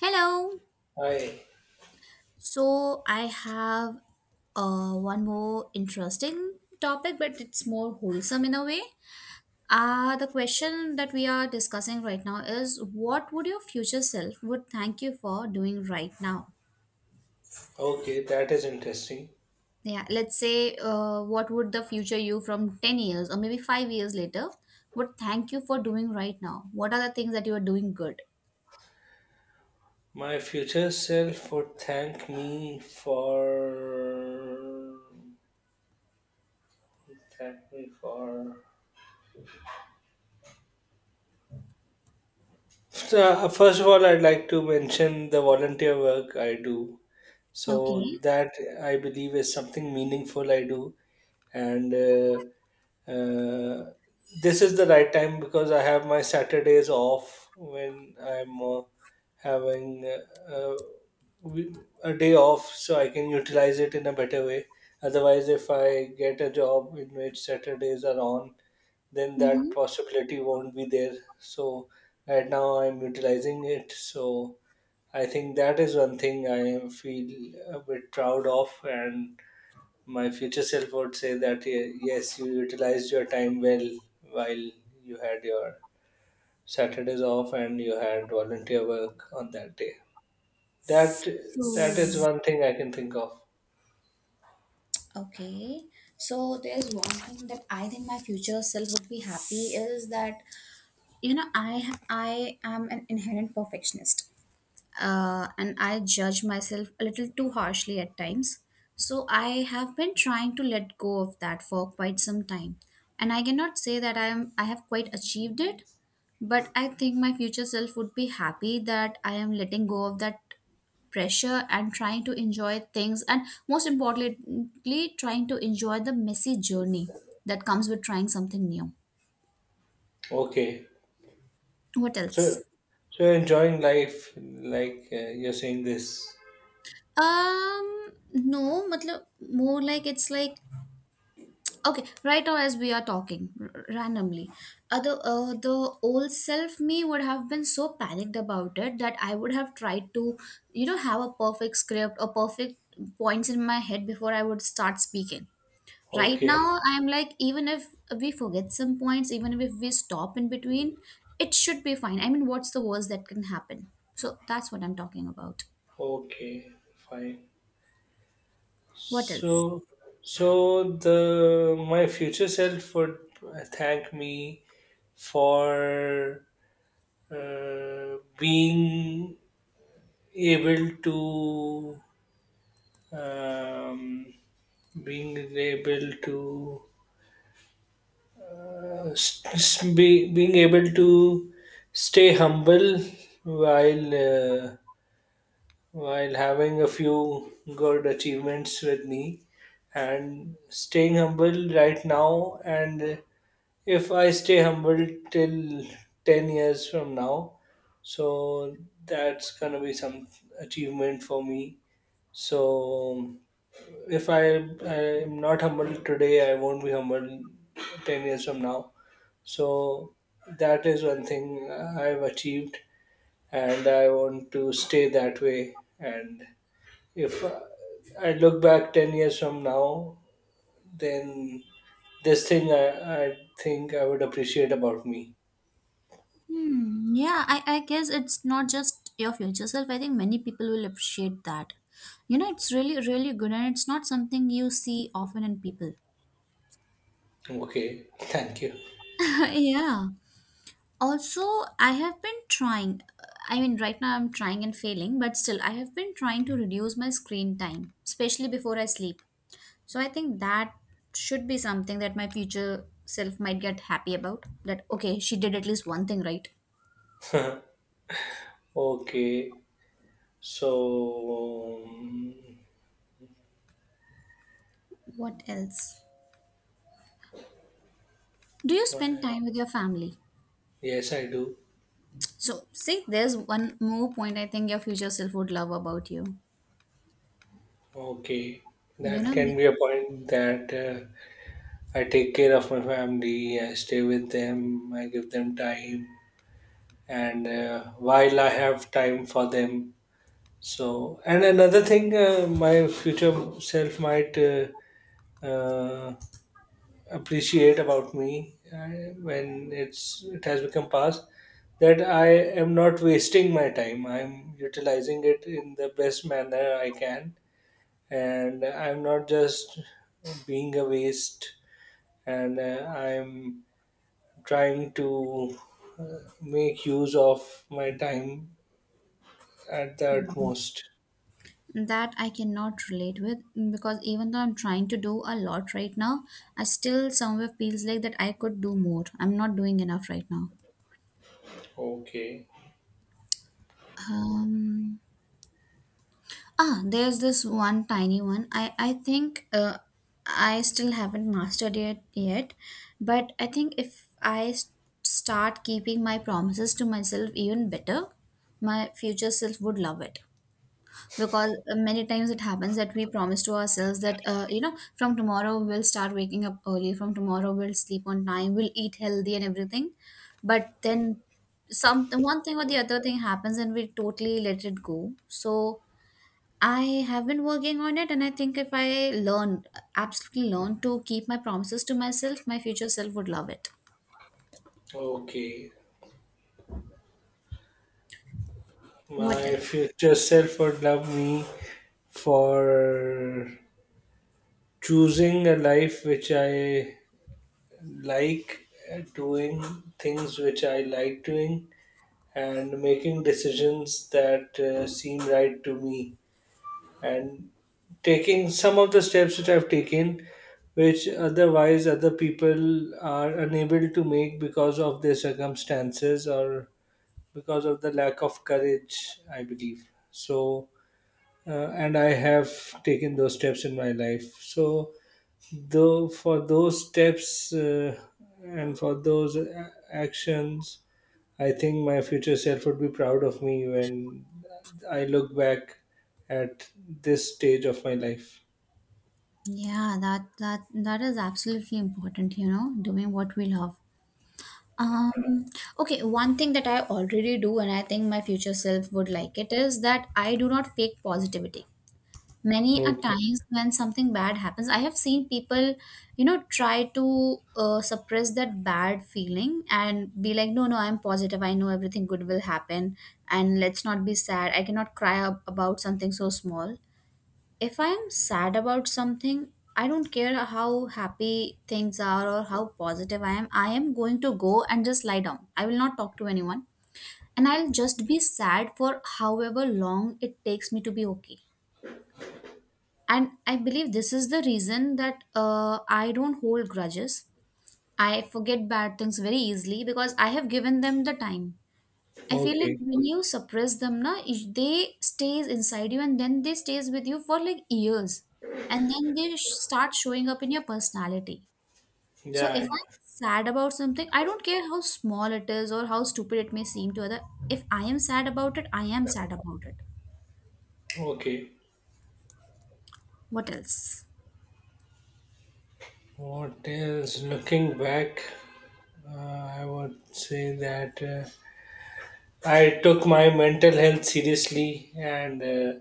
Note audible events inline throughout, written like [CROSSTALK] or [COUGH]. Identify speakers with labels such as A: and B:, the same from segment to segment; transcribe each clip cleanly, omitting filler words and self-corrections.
A: Hello.
B: I
A: So I have one more interesting topic, but it's more wholesome in a way. The question that we are discussing right now is what would your future self would thank you for doing right now?
B: Okay, that is interesting.
A: Yeah, let's say what would the future you from 10 years or maybe 5 years later would thank you for doing right now? What are the things that you are doing good?
B: My future self would thank me for thank me for first of all, I'd like to mention the volunteer work I do.
A: Okay.
B: So that I believe is something meaningful I do, and uh, this is the right time because I have my Saturdays off when I'm having we- a day off, so I can utilize it in a better way. Otherwise, if I get a job in which Saturdays are on, then that
A: Mm-hmm.
B: possibility won't be there. So right now I'm utilizing it. So I think that is one thing I feel a bit proud of, and my future self would say that " yes, you utilized your time well while you had your Saturdays off and you had volunteer work on that day. That that
A: So
B: is one thing I can think of.
A: okay, so there's one thing that I think my future self would be happy is that you know I am an inherent perfectionist and I judge myself a little too harshly at times. So I have been trying to let go of that for quite some time. And I cannot say that I have quite achieved it, but I think my future self would be happy that I am letting go of that pressure and trying to enjoy things, and most importantly trying to enjoy the messy journey that comes with trying something new.
B: Okay,
A: What
B: so
A: else?
B: you're enjoying life, like, you're saying this.
A: No, matlab, more like it's like okay, right now as we are talking randomly, the old self me would have been so panicked about it that I would have tried to, you know, have a perfect script or perfect points in my head before I would start speaking. Right
B: Okay.
A: now, I'm like, even if we forget some points, even if we stop in between, it should be fine. I mean, what's the worst that can happen? So that's what I'm talking about.
B: Okay, fine.
A: What else?
B: So, so the My future self would thank me for uh, being able to um, being able to being able to stay humble while uh, while having a few good achievements with me and staying humble right now. And if I stay humble till 10 years from now, so that's gonna be some achievement for me. So if I am not humble today, I won't be humble 10 years from now. So that is one thing I've achieved, and I want to stay that way. And if I look back 10 years from now, then this thing I think I would appreciate about me.
A: Hmm, yeah, I guess it's not just your future self. I think many people will appreciate that. You know, it's really, really good and it's not something you see often in people.
B: Okay, thank you.
A: [LAUGHS] Yeah. Also, I have been trying. I mean, right now I'm trying and failing, but still, I have been trying to reduce my screen time, especially before I sleep. So I think that should be something that my future self might get happy about. That, okay, she did at least one thing right.
B: Okay, so
A: What else? Do you spend time with your family?
B: yes, I do.
A: So, see, there's one more point I think your future self would love about you.
B: Okay,
A: You
B: that
A: know,
B: can be a point that, I take care of my family, I stay with them, I give them time, and while I have time for them. So, and another thing, my future self might, uh, appreciate about me when it has become past that I am not wasting my time. I'm utilizing it in the best manner I can, and I'm not just being a waste. And I'm trying to make use of my time at the utmost.
A: that I cannot relate with because even though I'm trying to do a lot right now, I still somewhere feels like that I could do more. I'm not doing enough right now.
B: Okay,
A: Um, there's this one tiny one. I think I still haven't mastered it yet, but I think if start keeping my promises to myself even better, my future self would love it. Because many times it happens that we promise to ourselves that you know, from tomorrow we'll start waking up early, from tomorrow we'll sleep on time, we'll eat healthy and everything, but then some one thing or the other thing happens and we totally let it go. So I have been working on it, and I think if I learn, absolutely learn to keep my promises to myself, my future self would love it.
B: okay.
A: What
B: My
A: else?
B: future self would love me for choosing a life which I like, doing things which I like doing and making decisions that seem right to me, and taking some of the steps which I've taken, which otherwise other people are unable to make because of their circumstances or because of the lack of courage, I believe. So, and I have taken those steps in my life. So, though for those steps, and for those actions, I think my future self would be proud of me when I look back at this stage of my life.
A: Yeah, that that that is absolutely important, you know, doing what we love. Um, okay, one thing that I already do, and I think my future self would like it, is that I do not fake positivity. Many a
B: Okay.
A: times when something bad happens, I have seen people, you know, try to suppress that bad feeling and be like, no, no, I'm positive. I know everything good will happen, and let's not be sad. I cannot cry about something so small. If I am sad about something, I don't care how happy things are or how positive I am. I am going to go and just lie down. I will not talk to anyone. And I'll just be sad for however long it takes me to be okay. And I believe this is the reason that I don't hold grudges. I forget bad things very easily because I have given them the time. I feel like
B: Okay.
A: when you suppress them, na, if they stays inside you and then they stays with you for like years, and then they start showing up in your personality. So
B: Yeah,
A: if
B: yeah.
A: I'm sad about something, I don't care how small it is or how stupid it may seem to other. If I am sad about it, I am sad about it.
B: Okay,
A: What else?
B: what else? Looking back, I would say that, I took my mental health seriously, and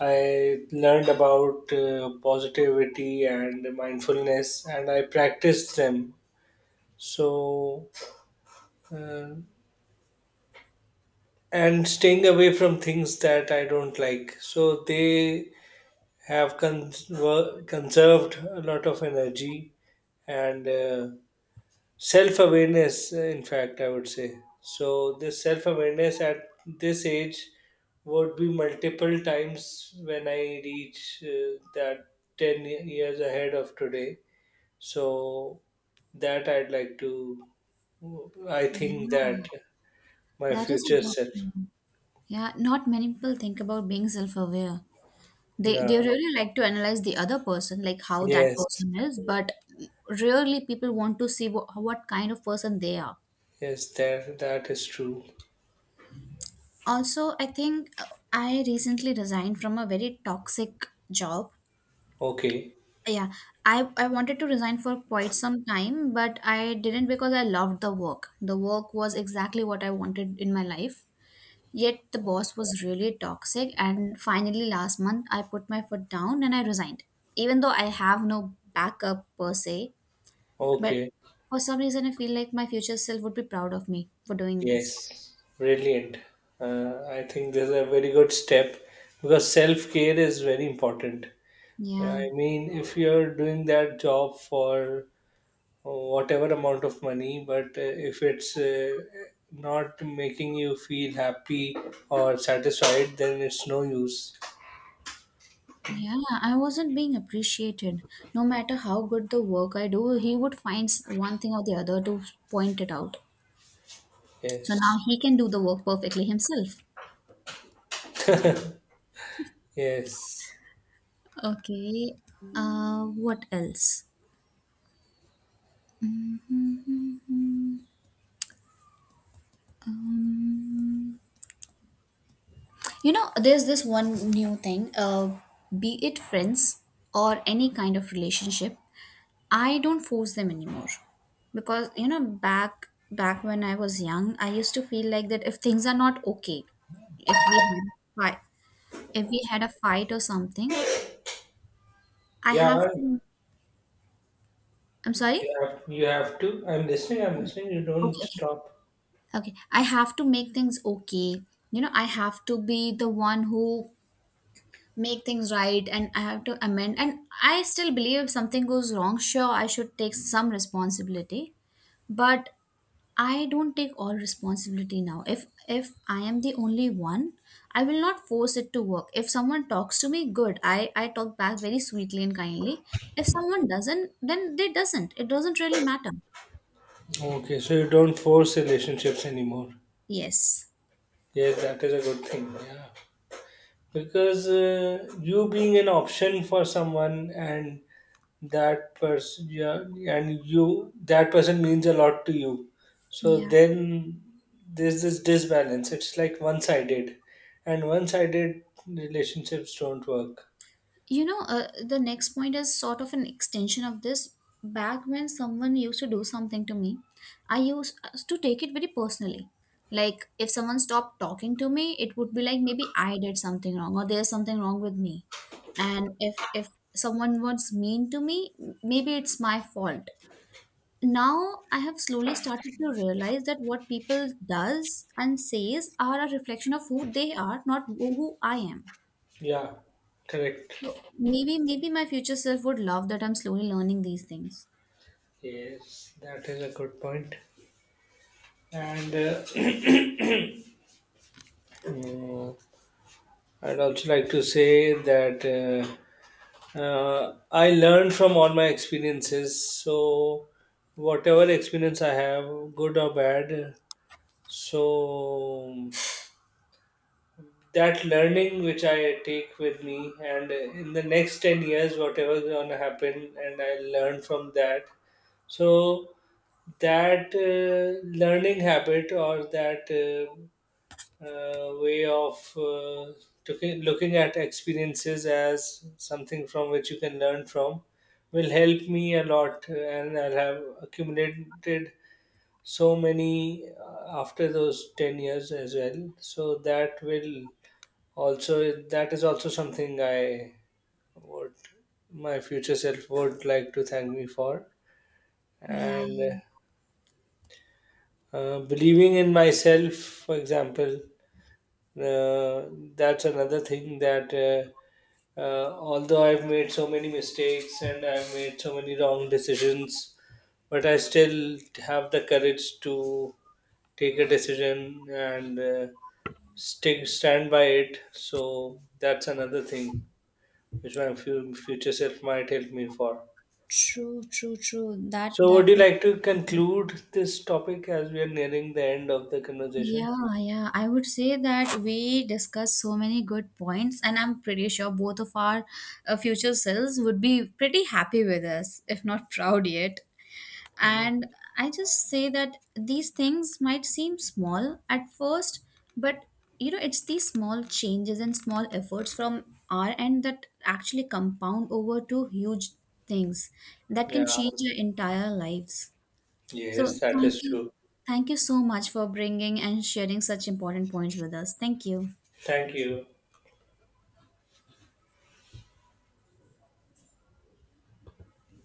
B: I learned about positivity and mindfulness, and I practiced them. So, uh, and staying away from things that I don't like. So, they have conserved a lot of energy, and self awareness, in fact, I would say. So this self awareness at this age would be multiple times when I reach that 10 years ahead of today. So that I'd like to, I think that
A: Yeah,
B: my
A: that is a
B: future
A: good
B: self.
A: point. Yeah, not many people think about being self-aware. They
B: Yeah.
A: they really like to analyze the other person, like how that
B: Yes.
A: person is, but rarely people want to see what kind of person they are.
B: Yes, that that is true.
A: Also, I think I recently resigned from a very toxic job.
B: Okay.
A: Yeah, I wanted to resign for quite some time, but I didn't because I loved the work. The work was exactly what I wanted in my life. Yet the boss was really toxic, and finally, last month, I put my foot down and I resigned. Even though I have no backup per se, but
B: Okay.
A: for some reason, I feel like my future self would be proud of me for doing this.
B: Yes, brilliant. I think this is a very good step because self care is very important.
A: Yeah.
B: I mean, if you're doing that job for, whatever amount of money, but if it's, not making you feel happy or satisfied, then it's no use.
A: Yeah, I wasn't being appreciated. No matter how good the work I do, he would find one thing or the other to point it out. So
B: Yes,
A: now he can do the work perfectly himself.
B: yes.
A: Okay. What else? Um, you know, there's this one new thing. Be it friends or any kind of relationship, I don't force them anymore because, you know, back when I was young, I used to feel like that if things are not okay, if we had fight, if we had a fight or something, I
B: Yeah,
A: have to. I'm sorry.
B: you have to. I'm listening, I'm
A: Yeah.
B: listening. You don't
A: Okay, okay,
B: stop.
A: okay. I have to make things okay. You know, I have to be the one who make things right, and I have to amend. And I still believe if something goes wrong, sure, I should take some responsibility. But I don't take all responsibility now. If I am the only one, I will not force it to work. If someone talks to me, good. I talk back very sweetly and kindly. If someone doesn't, then they doesn't. It doesn't really matter.
B: Okay, so you don't force relationships anymore.
A: Yes.
B: Yes, that is a good thing. Yeah, because you being an option for someone and that person, yeah, and you, that person means a lot to you. So
A: Yeah.
B: then there's this disbalance. It's like one-sided, and one-sided relationships don't work.
A: You know, the next point is sort of an extension of this. Back when someone used to do something to me, I used to take it very personally. Like, if someone stopped talking to me, it would be like maybe I did something wrong or there's something wrong with me. And if someone was mean to me, maybe it's my fault. Now I have slowly started to realize that what people does and says are a reflection of who they are, not who I am.
B: Yeah, correct.
A: So maybe, maybe my future self would love that I'm slowly learning these things.
B: Yes, that is a good point. And [CLEARS THROAT] mm, I'd also like to say that. I learn from all my experiences. So, whatever experience I have, good or bad, so that learning which I take with me, and in the next 10 years, whatever is going to happen, and I learn from that. So, that learning habit, or that way of, looking at experiences as something from which you can learn from, will help me a lot. And I'll have accumulated so many after those 10 years as well, so that will also, that is also something I would, my future self would like to thank me for.
A: Yeah,
B: And believing in myself, for example. uh, that's another thing that, although I've made so many mistakes and I've made so many wrong decisions, but I still have the courage to take a decision and, stick stand by it. So that's another thing which my future self might help me for.
A: true, true, true. That
B: So would
A: that
B: you like to conclude this topic as we are nearing the end of the conversation?
A: yeah, yeah. I would say that we discussed so many good points, and I'm pretty sure both of our future selves would be pretty happy with us, if not [LAUGHS] proud yet.
B: Hmm.
A: And I just say that these things might seem small at first, but you know, it's these small changes and small efforts from our end that actually compound over to huge things that can
B: Yeah.
A: change your entire lives.
B: Yes,
A: So,
B: that is
A: thank you.
B: true.
A: Thank you so much for bringing and sharing such important points with us. Thank you.
B: Thank you.